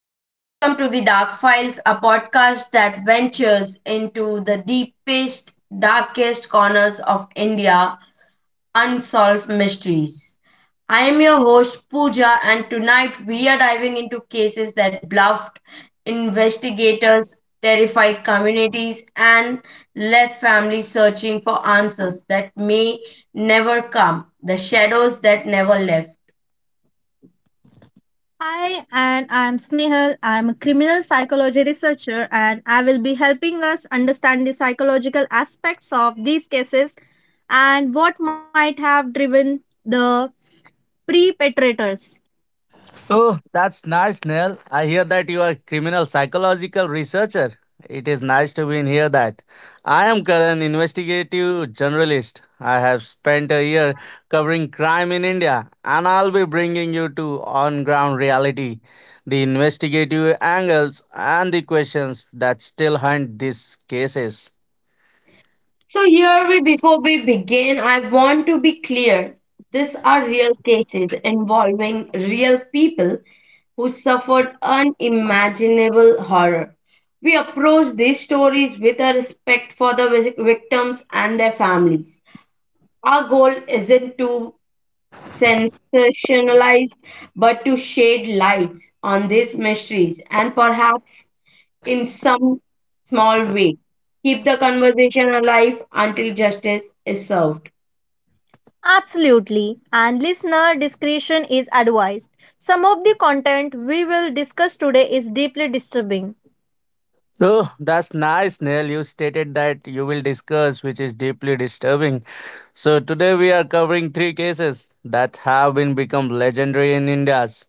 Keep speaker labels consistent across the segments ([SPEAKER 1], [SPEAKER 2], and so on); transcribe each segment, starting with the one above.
[SPEAKER 1] and welcome to the Dark Files, a podcast that ventures into the deepest, darkest corners of India, unsolved mysteries. I am your host Pooja, and tonight we are diving into cases that bluffed investigators, terrified communities, and left families searching for answers that may never come, the shadows that never left.
[SPEAKER 2] Hi, and I'm Snehal. I'm a criminal psychology researcher, and I will be helping us understand the psychological aspects of these cases and what might have driven the perpetrators.
[SPEAKER 3] Oh, that's nice, Neil. I hear that you are a criminal psychological researcher. It is nice to be in here that. I am current investigative journalist. I have spent a year covering crime in India, and I'll be bringing you to on-ground reality, the investigative angles and the questions that still hunt these cases.
[SPEAKER 1] So, here we before we begin, I want to be clear. These are real cases involving real people who suffered unimaginable horror. We approach these stories with a respect for the victims and their families. Our goal isn't to sensationalized but to shed lights on these mysteries and perhaps in some small way keep the conversation alive until justice is served.
[SPEAKER 2] Absolutely, and listener discretion is advised. Some of the content we will discuss today is deeply disturbing.
[SPEAKER 3] Oh, that's nice, Neil. You stated that you will discuss, which is deeply disturbing. So today we are covering three cases that have been become legendary in India's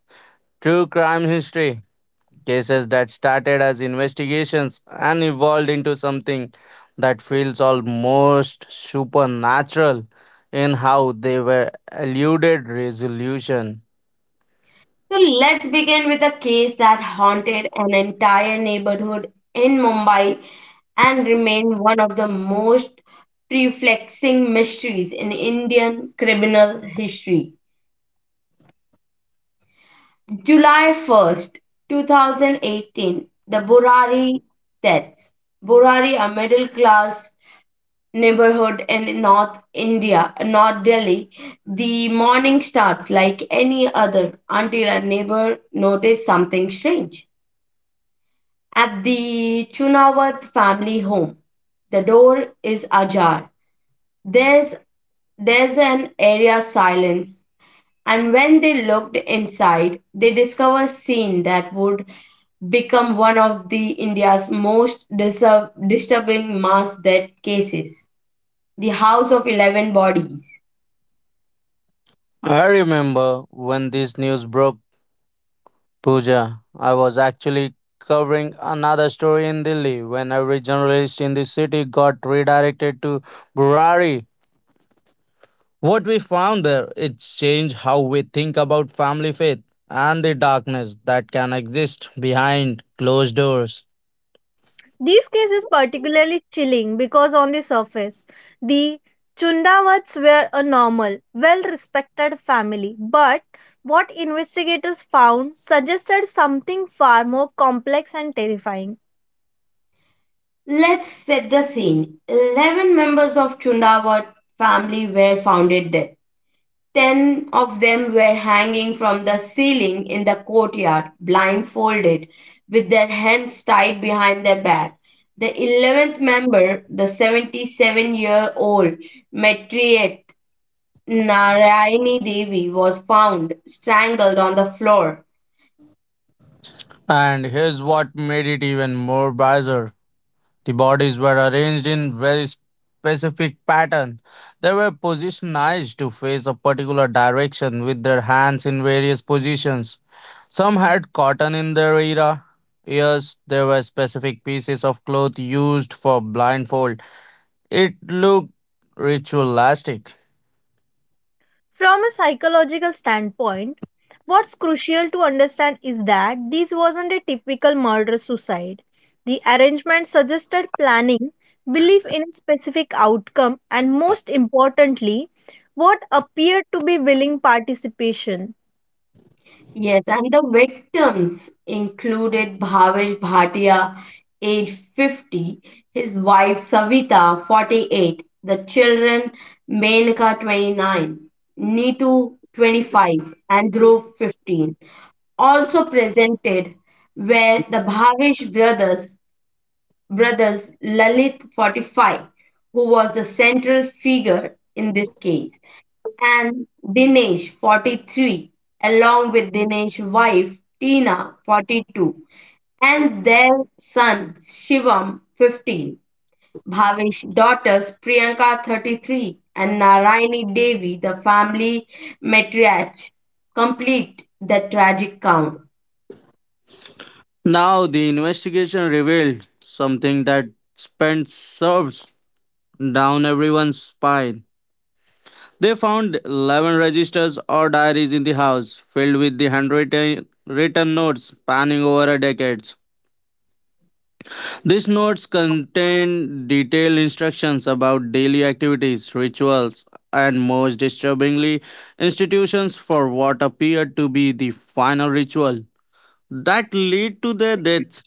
[SPEAKER 3] true crime history. Cases that started as investigations and evolved into something that feels almost supernatural in how they were eluded resolution.
[SPEAKER 1] So let's begin with a case that haunted an entire neighborhood in Mumbai and remained one of the most perplexing mysteries in Indian criminal history. July 1st, 2018, the Burari deaths. Burari, a middle class neighborhood in North India, North Delhi, the morning starts like any other until a neighbor noticed something strange. At the Chunawat family home, the door is ajar. There's there's an area silence, and when they looked inside, they discovered a scene that would become one of the India's most disturbing mass death cases. The House of 11 Bodies.
[SPEAKER 3] I remember when this news broke Pooja, I was actually covering another story in Delhi when every journalist in the city got redirected to Burari. What we found there, it's changed how we think about family faith and the darkness that can exist behind closed doors.
[SPEAKER 2] This case is particularly chilling because, on the surface, the Chundawats were a normal, well respected family. But what investigators found suggested something far more complex and terrifying.
[SPEAKER 1] Let's set the scene. 11 members of Chundawat family were found dead. 10 of them were hanging from the ceiling in the courtyard, blindfolded, with their hands tied behind their back. The 11th member, the 77-year-old Metriet Narayani Devi, was found strangled on the floor.
[SPEAKER 3] And here's what made it even more bizarre. The bodies were arranged in very specific pattern. They were positioned to face a particular direction with their hands in various positions. Some had cotton in their era. Yes, there were specific pieces of cloth used for blindfold. It looked ritualistic.
[SPEAKER 2] From a psychological standpoint, what's crucial to understand is that this wasn't a typical murder suicide. The arrangement suggested planning, belief in a specific outcome, and most importantly, what appeared to be willing participation.
[SPEAKER 1] Yes, and the victims included Bhavesh Bhatia, age 50; his wife Savita, 48; the children Menka, 29; Neetu, 25; and Dhruv, 15. Also presented were the brothers Lalit, 45, who was the central figure in this case, and Dinesh, 43, along with Dinesh's wife Tina, 42, and their son Shivam, 15. Bhavesh's daughters Priyanka, 33, and Naraini Devi, the family matriarch, complete the tragic count.
[SPEAKER 3] Now the investigation revealed something that spent serves down everyone's spine. They found 11 registers or diaries in the house, filled with the handwritten written notes spanning over a decade. These notes contain detailed instructions about daily activities, rituals, and most disturbingly, institutions for what appeared to be the final ritual that led to their deaths.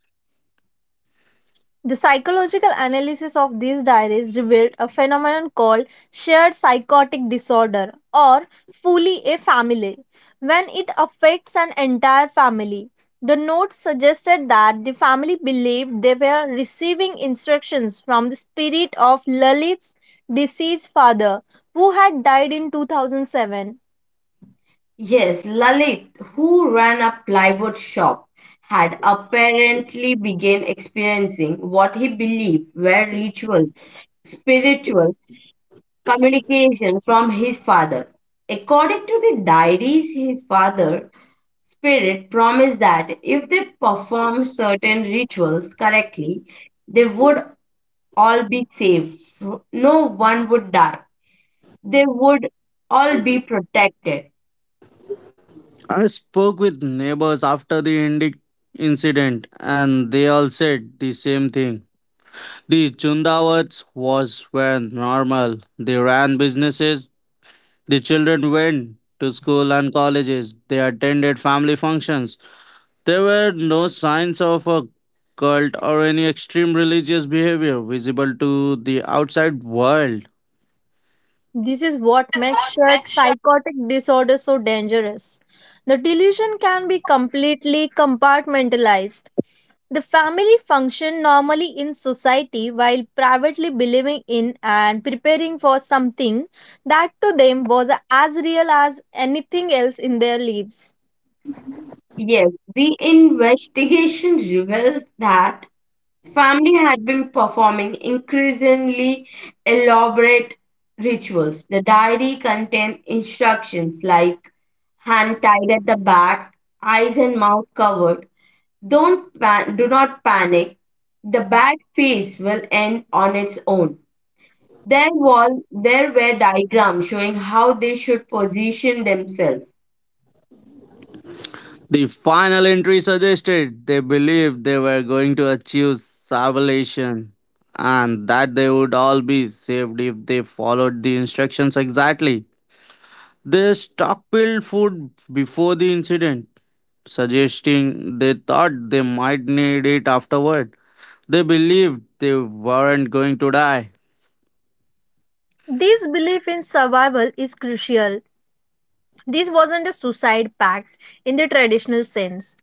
[SPEAKER 2] The psychological analysis of these diaries revealed a phenomenon called shared psychotic disorder or fully a family. When it affects an entire family, the notes suggested that the family believed they were receiving instructions from the spirit of Lalit's deceased father, who had died in 2007.
[SPEAKER 1] Yes, Lalit, who ran a plywood shop, had apparently begun experiencing what he believed were ritual spiritual communication from his father. According to the diaries, his father spirit promised that if they performed certain rituals correctly, they would all be safe. No one would die. They would all be protected.
[SPEAKER 3] I spoke with neighbors after the incident, and they all said the same thing. The Chundawats was were normal. They ran businesses. The children went to school and colleges. They attended family functions. There were no signs of a cult or any extreme religious behavior visible to the outside world.
[SPEAKER 2] This is what makes shared psychotic disorder so dangerous. The delusion can be completely compartmentalized. The family function normally in society while privately believing in and preparing for something that to them was as real as anything else in their lives.
[SPEAKER 1] Yes, the investigation reveals that family had been performing increasingly elaborate rituals. The diary contained instructions like hand tied at the back, eyes and mouth covered. Don't pan- Do not panic. The bad phase will end on its own. There were diagrams showing how they should position themselves.
[SPEAKER 3] The final entry suggested they believed they were going to achieve salvation and that they would all be saved if they followed the instructions exactly. They stockpiled food before the incident, suggesting they thought they might need it afterward. They believed they weren't going to die.
[SPEAKER 2] This belief in survival is crucial. This wasn't a suicide pact in the traditional sense.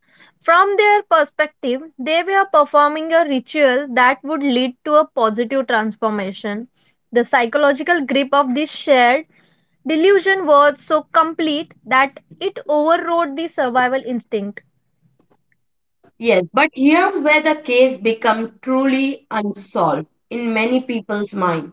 [SPEAKER 2] From their perspective, they were performing a ritual that would lead to a positive transformation. The psychological grip of this shared delusion was so complete that it overrode the survival instinct.
[SPEAKER 1] Yes, but here where the case become truly unsolved in many people's mind.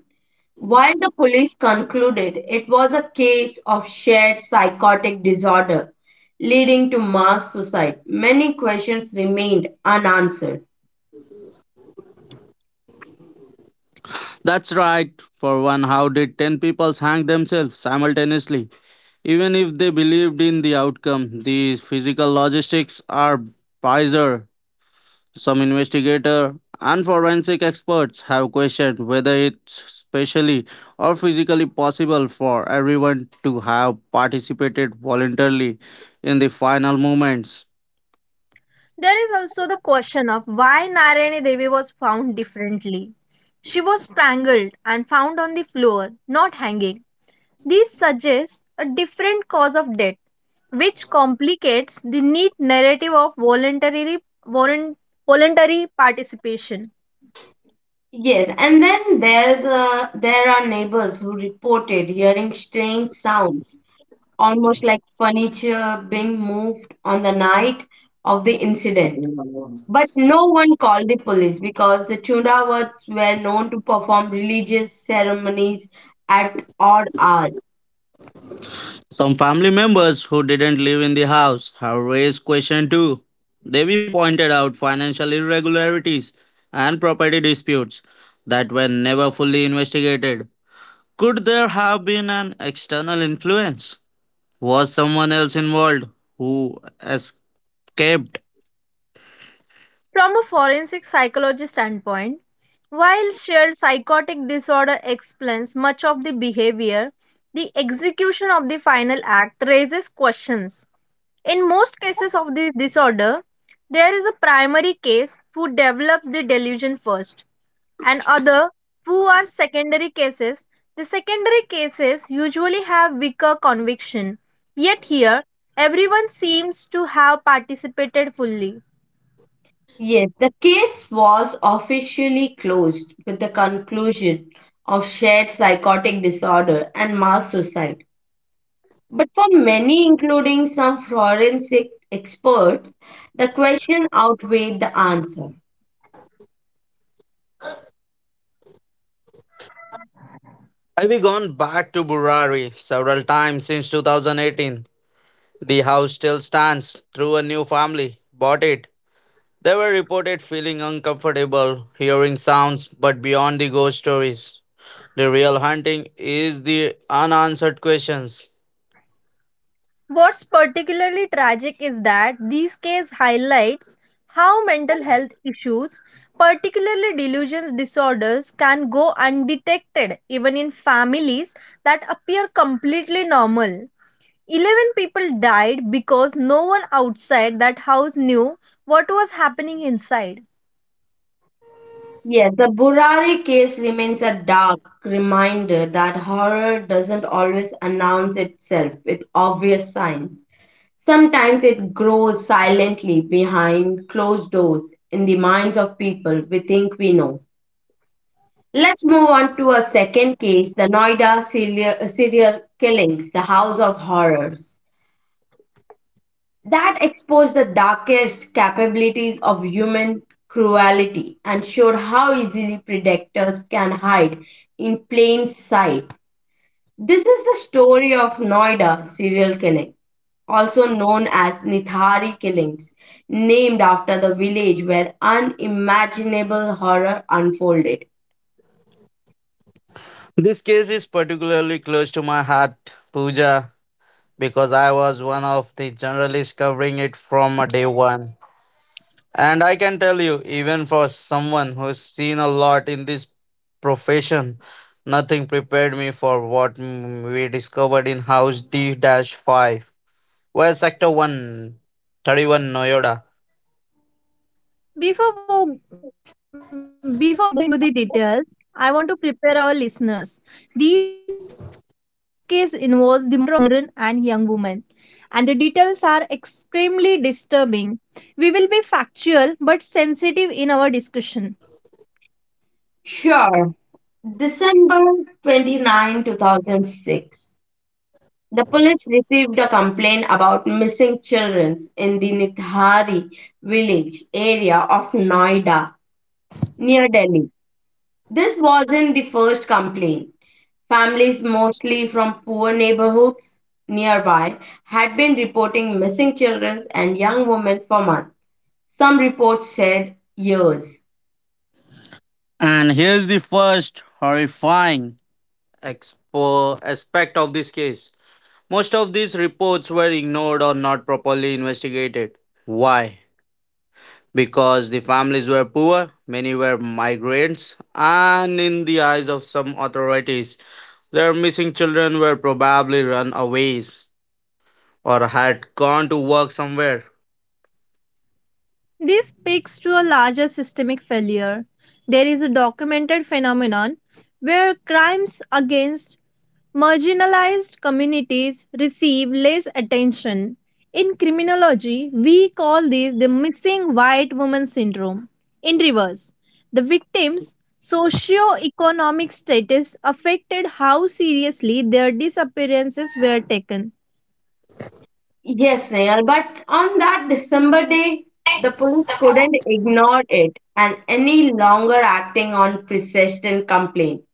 [SPEAKER 1] While the police concluded it was a case of shared psychotic disorder leading to mass suicide, many questions remained unanswered.
[SPEAKER 3] That's right. For one, how did 10 people hang themselves simultaneously? Even if they believed in the outcome, the physical logistics are bizarre. Some investigators and forensic experts have questioned whether it's spatially or physically possible for everyone to have participated voluntarily in the final moments.
[SPEAKER 2] There is also the question of why Narayani Devi was found differently. She was strangled and found on the floor, not hanging. These suggest a different cause of death, which complicates the neat narrative of voluntary, volun- voluntary participation.
[SPEAKER 1] Yes, and then there are neighbors who reported hearing strange sounds, almost like furniture being moved on the night of the incident. But no one called the police because the Chundawats were known to perform religious ceremonies at odd hours.
[SPEAKER 3] Some family members who didn't live in the house have raised question too. Devi pointed out financial irregularities and property disputes that were never fully investigated. Could there have been an external influence? Was someone else involved who escaped?
[SPEAKER 2] From a forensic psychology standpoint, while shared psychotic disorder explains much of the behavior, the execution of the final act raises questions. In most cases of this disorder, there is a primary case who develops the delusion first and other who are secondary cases. The secondary cases usually have weaker conviction. Yet here, everyone seems to have participated fully.
[SPEAKER 1] Yes, the case was officially closed with the conclusion of shared psychotic disorder and mass suicide. But for many, including some forensic experts, the question outweighed the answer.
[SPEAKER 3] I've gone back to Burari several times since 2018. The house still stands through a new family bought it. They were reported feeling uncomfortable, hearing sounds, but beyond the ghost stories, the real haunting is the unanswered questions.
[SPEAKER 2] What's particularly tragic is that these cases highlights how mental health issues, particularly delusions disorders, can go undetected even in families that appear completely normal. 11 people died because no one outside that house knew what was happening inside.
[SPEAKER 1] Yes, the Burari case remains a dark reminder that horror doesn't always announce itself with obvious signs. Sometimes it grows silently behind closed doors in the minds of people we think we know. Let's move on to a second case, the serial killings, the House of Horrors, that exposed the darkest capabilities of human cruelty and showed how easily predators can hide in plain sight. This is the story of Noida serial killing, also known as Nithari killings, named after the village where unimaginable horror unfolded.
[SPEAKER 3] This case is particularly close to my heart, Pooja, because I was one of the journalists covering it from a day one. And I can tell you, even for someone who's seen a lot in this profession, nothing prepared me for what we discovered in House D 5. Where Sector one, 31, 31 Noyoda.
[SPEAKER 2] Before we, before we go into the details, I want to prepare our listeners. These case involves the murder of children and young women, and the details are extremely disturbing. We will be factual but sensitive in our discussion.
[SPEAKER 1] Sure. December 29, 2006. The police received a complaint about missing children in the Nithari village area of Noida, near Delhi. This wasn't the first complaint. Families, mostly from poor neighborhoods nearby, had been reporting missing children and young women for months. Some reports said years.
[SPEAKER 3] And here's the first horrifying aspect of this case. Most of these reports were ignored or not properly investigated. Why? Because the families were poor, many were migrants, and in the eyes of some authorities, their missing children were probably runaways or had gone to work somewhere.
[SPEAKER 2] This speaks to a larger systemic failure. There is a documented phenomenon where crimes against marginalized communities receive less attention. In criminology, we call this the missing white woman syndrome. In reverse, the victims' socio-economic status affected how seriously their disappearances were taken.
[SPEAKER 1] Yes, Nayal, but on that December day, the police couldn't ignore it and any longer acting on persistent complaint.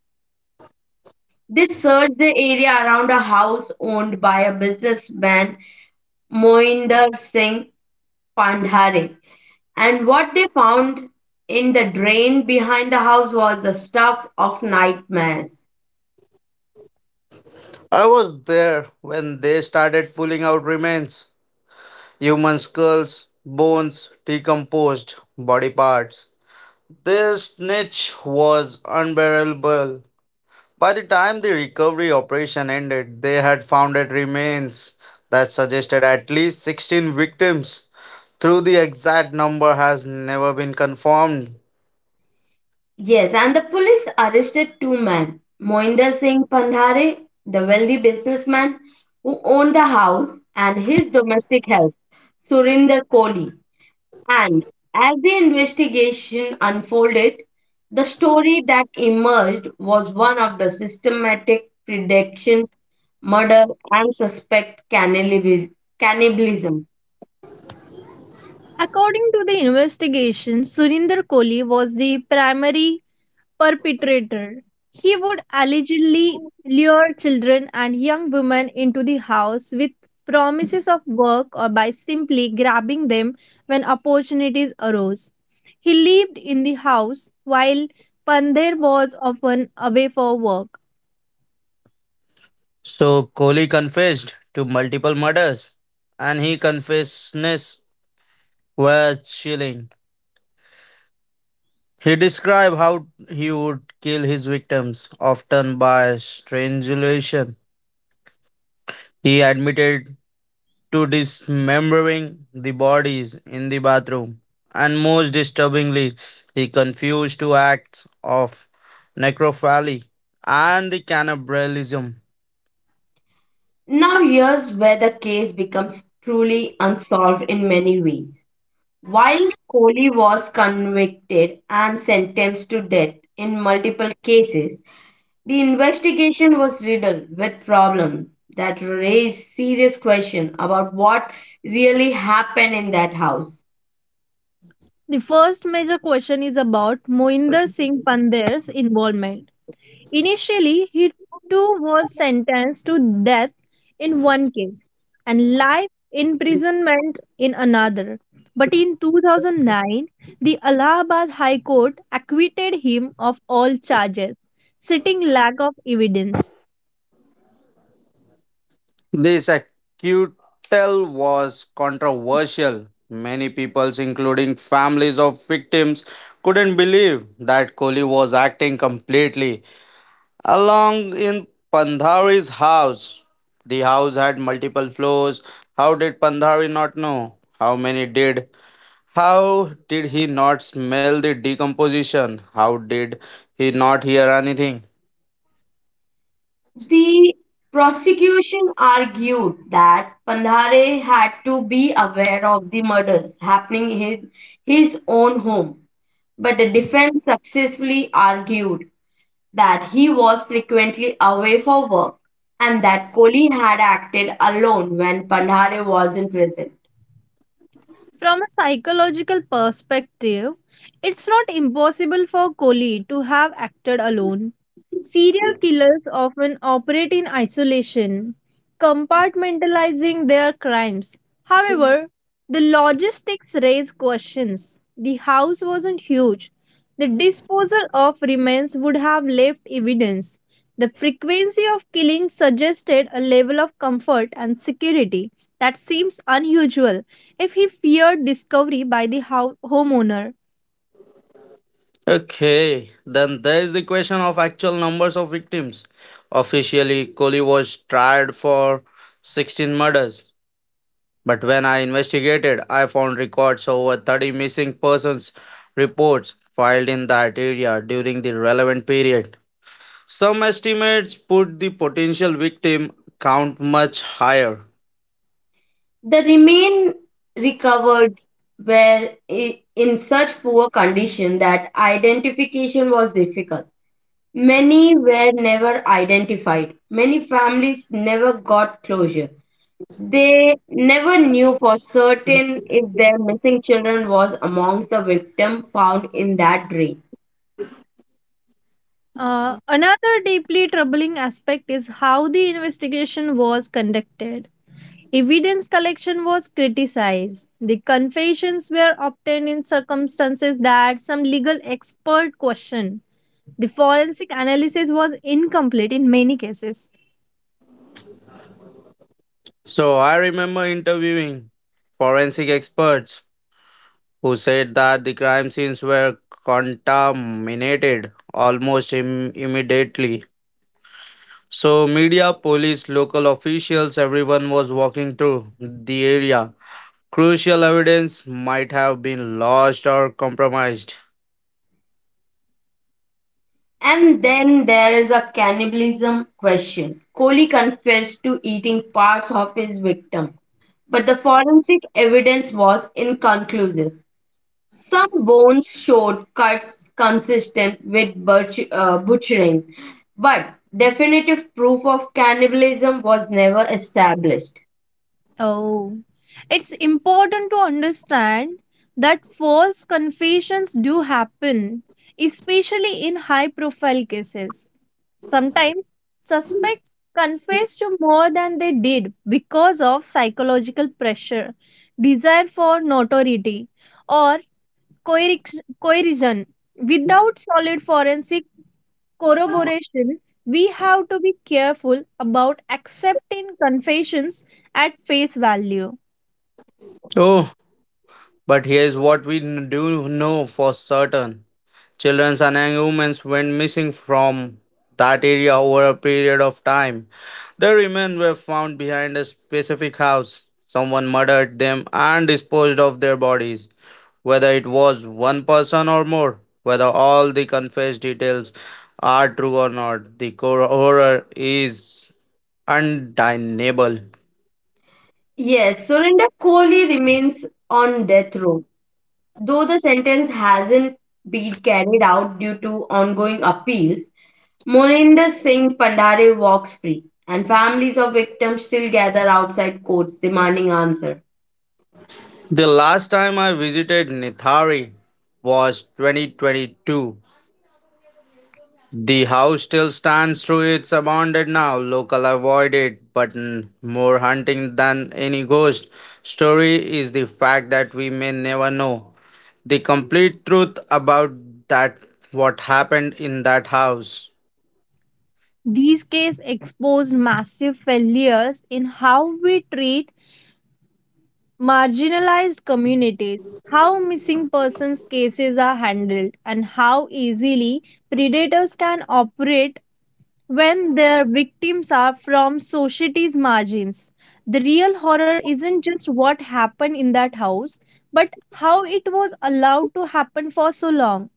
[SPEAKER 1] They searched the area around a house owned by a businessman, Moinder Singh Pandhare. And what they found in the drain behind the house was the stuff of nightmares.
[SPEAKER 3] I was there when they started pulling out remains. Human skulls, bones, decomposed body parts. Their stench was unbearable. By the time the recovery operation ended, they had found remains that suggested at least 16 victims, though the exact number has never been confirmed.
[SPEAKER 1] Yes, and the police arrested two men, Moinder Singh Pandhare, the wealthy businessman who owned the house, and his domestic help, Surinder Kohli. And as the investigation unfolded, the story that emerged was one of the systematic prediction, murder, and suspect cannibalism.
[SPEAKER 2] According to the investigation, Surinder Kohli was the primary perpetrator. He would allegedly lure children and young women into the house with promises of work or by simply grabbing them when opportunities arose. He lived in the house while Pandher was often away for work.
[SPEAKER 3] So Kohli confessed to multiple murders, and his confessions were chilling. He described how he would kill his victims, often by strangulation. He admitted to dismembering the bodies in the bathroom. And most disturbingly, he confused two acts of necrophilia and the cannibalism.
[SPEAKER 1] Now, here's where the case becomes truly unsolved in many ways. While Kohli was convicted and sentenced to death in multiple cases, the investigation was riddled with problems that raised serious questions about what really happened in that house.
[SPEAKER 2] The first major question is about Moinder Singh Pandher's involvement. Initially, he too was sentenced to death in one case and life imprisonment in another. But in 2009, the Allahabad High Court acquitted him of all charges, citing lack of evidence.
[SPEAKER 3] This acquittal was controversial. Many people, including families of victims, couldn't believe that Kohli was acting completely along in Pandhari's house. The house had multiple floors. How did Pandhari not know? How many did? How did he not smell the decomposition? How did he not hear anything?
[SPEAKER 1] The prosecution argued that Pandhare had to be aware of the murders happening in his own home, but the defense successfully argued that he was frequently away for work and that Kohli had acted alone when Pandhare wasn't present.
[SPEAKER 2] From a psychological perspective, it's not impossible for Kohli to have acted alone. Serial killers often operate in isolation, compartmentalizing their crimes. However, the logistics raise questions. The house wasn't huge. The disposal of remains would have left evidence. The frequency of killings suggested a level of comfort and security that seems unusual if he feared discovery by the homeowner.
[SPEAKER 3] Okay, then there is the question of actual numbers of victims. Officially, Kohli was tried for 16 murders. But when I investigated, I found records of over 30 missing persons reports filed in that area during the relevant period. Some estimates put the potential victim count much higher.
[SPEAKER 1] The remain recovered were in such poor condition that identification was difficult. Many were never identified. Many families never got closure. They never knew for certain if their missing children was amongst the victim found in that drain.
[SPEAKER 2] Another deeply troubling aspect is how the investigation was conducted. Evidence collection was criticized. The confessions were obtained in circumstances that some legal expert questioned. The forensic analysis was incomplete in many cases.
[SPEAKER 3] So I remember interviewing forensic experts who said that the crime scenes were contaminated almost immediately. So, media, police, local officials, everyone was walking through the area. Crucial evidence might have been lost or compromised.
[SPEAKER 1] And then there is a cannibalism question. Kohli confessed to eating parts of his victim, but the forensic evidence was inconclusive. Some bones showed cuts consistent with butchering, but definitive proof of cannibalism was never established.
[SPEAKER 2] Oh, it's important to understand that false confessions do happen, especially in high profile cases. Sometimes suspects confess to more than they did because of psychological pressure, desire for notoriety, or coercion. Without solid forensic corroboration, we have to be careful about accepting confessions at face value.
[SPEAKER 3] Oh, but here's what we do know for certain. Children and humans went missing from that area over a period of time. The remains were found behind a specific house. Someone murdered them and disposed of their bodies. Whether it was one person or more, whether all the confessed details are true or not, the core horror is undeniable.
[SPEAKER 1] Yes, Surinder Kohli remains on death row, though the sentence hasn't been carried out due to ongoing appeals. Moninder Singh Pandare walks free, and families of victims still gather outside courts demanding answer.
[SPEAKER 3] The last time I visited Nithari was 2022. The house still stands true it's abandoned now. Local avoid it, but more hunting than any ghost story is the fact that we may never know the complete truth about that what happened in that house.
[SPEAKER 2] These cases exposed massive failures in how we treat marginalized communities, how missing persons cases are handled, and how easily predators can operate when their victims are from society's margins. The real horror isn't just what happened in that house, but how it was allowed to happen for so long.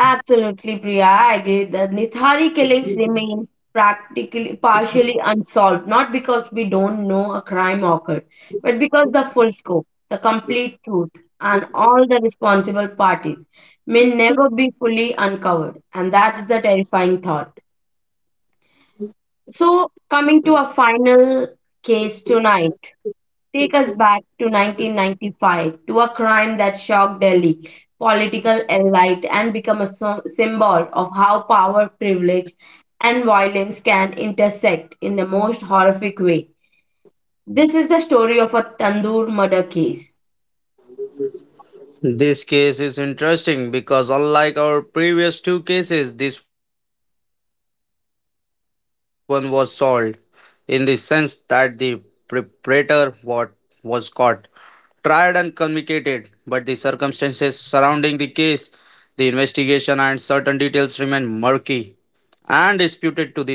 [SPEAKER 1] Absolutely, Priya, I agree that Nithari killings remain practically partially unsolved, not because we don't know a crime occurred, but because the full scope, the complete truth, and all the responsible parties may never be fully uncovered. And that's the terrifying thought. So, coming to a final case tonight. Take us back to 1995, to a crime that shocked Delhi political elite and become a symbol of how power, privilege, and violence can intersect in the most horrific way. This is the story of a Tandoor murder case.
[SPEAKER 3] This case is interesting because, unlike our previous two cases, this one was solved in the sense that the perpetrator what was caught, tried, and convicted, but the circumstances surrounding the case, the investigation, and certain details remain murky and disputed to this day.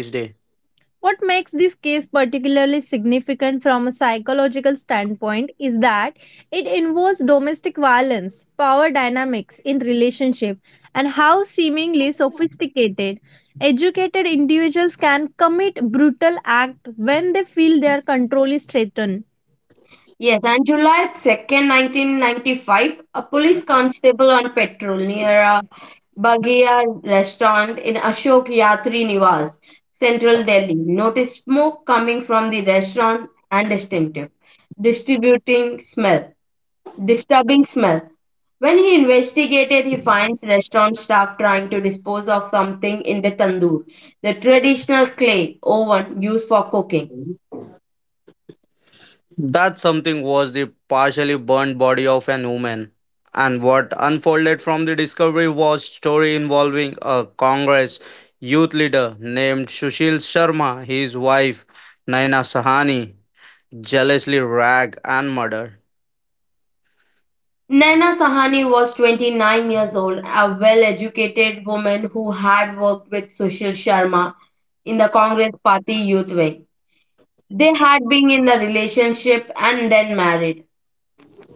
[SPEAKER 2] What makes this case particularly significant from a psychological standpoint is that it involves domestic violence, power dynamics in relationship, and how seemingly sophisticated, educated individuals can commit brutal acts when they feel their control is threatened.
[SPEAKER 1] Yes, on July 2nd, 1995, a police constable on patrol near a Baghiya restaurant in Ashok Yatri Niwas, central Delhi, noticed smoke coming from the restaurant and distributing smell, disturbing smell. When he investigated, he finds restaurant staff trying to dispose of something in the tandoor, the traditional clay oven used for cooking.
[SPEAKER 3] That something was the partially burned body of an woman, and what unfolded from the discovery was story involving a Congress youth leader named Sushil Sharma, his wife Naina Sahani, jealously rag and murder.
[SPEAKER 1] Naina Sahani was 29 years old, a well educated woman who had worked with Sushil Sharma in the Congress Party youth wing. They had been in a relationship and then married,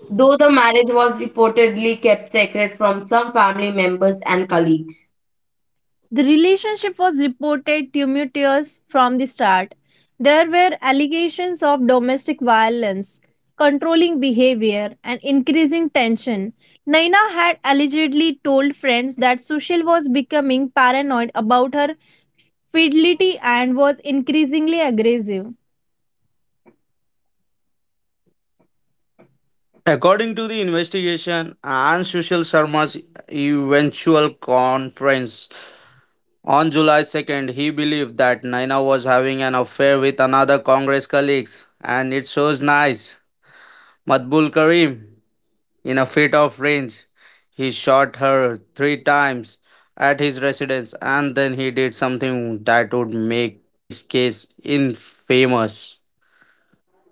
[SPEAKER 1] though the marriage was reportedly kept secret from some family members and colleagues.
[SPEAKER 2] The relationship was reported tumultuous from the start. There were allegations of domestic violence, controlling behavior, and increasing tension. Naina had allegedly told friends that Sushil was becoming paranoid about her fidelity and was increasingly aggressive.
[SPEAKER 3] According to the investigation and Sushil Sharma's eventual conference on July 2nd, he believed that Naina was having an affair with another Congress colleague, and it shows nice. Matbul Karim, in a fit of rage, he shot her three times at his residence and then he did something that would make this case infamous.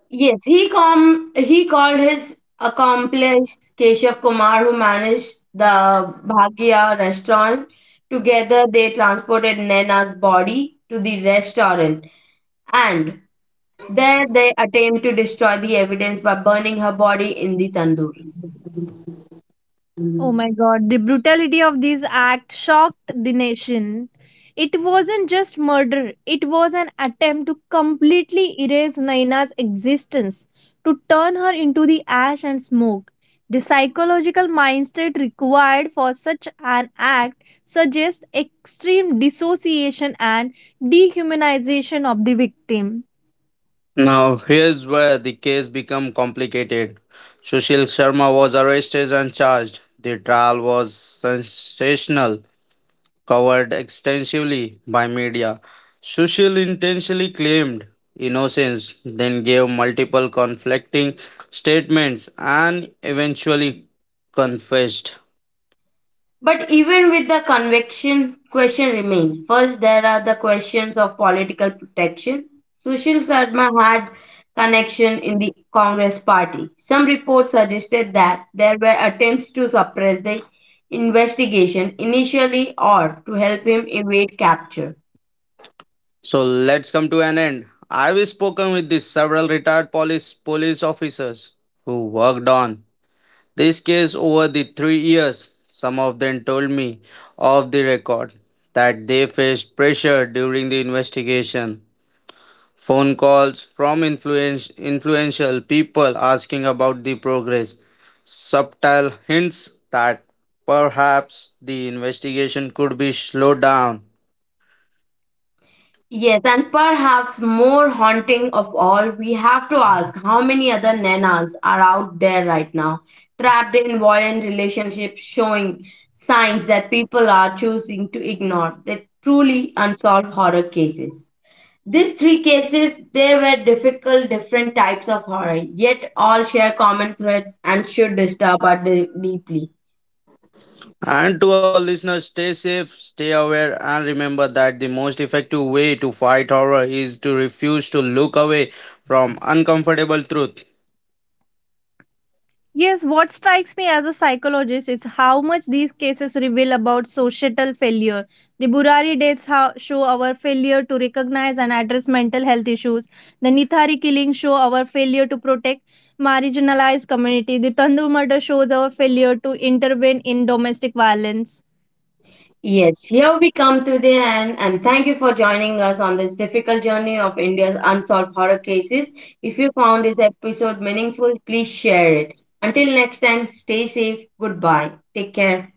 [SPEAKER 1] Yes, he called his accomplice Keshav Kumar, who managed the Bhagya restaurant. Together, they transported Naina's body to the restaurant, and there they attempt to destroy the evidence by burning her body in the tandoor.
[SPEAKER 2] Oh my god, the brutality of this act shocked the nation. It wasn't just murder, it was an attempt to completely erase Naina's existence, to turn her into the ash and smoke. The psychological mindset required for such an act suggests extreme dissociation and dehumanization of the victim.
[SPEAKER 3] Now, here's where the case became complicated. Sushil Sharma was arrested and charged. The trial was sensational, covered extensively by media. Sushil intentionally claimed innocence, then gave multiple conflicting statements and eventually confessed.
[SPEAKER 1] But even with the conviction, question remains. First, there are the questions of political protection. Sushil Sharma had connection in the Congress party. Some reports suggested that there were attempts to suppress the investigation initially or to help him evade capture.
[SPEAKER 3] So let's come to an end. I've spoken with these several retired police officers who worked on this case over the 3 years. Some of them told me off the record that they faced pressure during the investigation phone calls from influential people asking about the progress, subtle hints that perhaps the investigation could be slowed down.
[SPEAKER 1] Yes, and perhaps more haunting of all, we have to ask how many other nanas are out there right now, trapped in violent relationships, showing signs that people are choosing to ignore the truly unsolved horror cases. These three cases, they were difficult, different types of horror, yet all share common threads and should disturb us deeply.
[SPEAKER 3] And to our listeners, stay safe, stay aware, and remember that the most effective way to fight horror is to refuse to look away from uncomfortable truth.
[SPEAKER 2] Yes, what strikes me as a psychologist is how much these cases reveal about societal failure. The Burari deaths show our failure to recognize and address mental health issues. The Nithari killings show our failure to protect marginalized community. The Tandur murder shows our failure to intervene in domestic violence.
[SPEAKER 1] Yes, here we come to the end, and thank you for joining us on this difficult journey of India's unsolved horror cases. If you found this episode meaningful, please share it. Until next time, stay safe. Goodbye. Take care.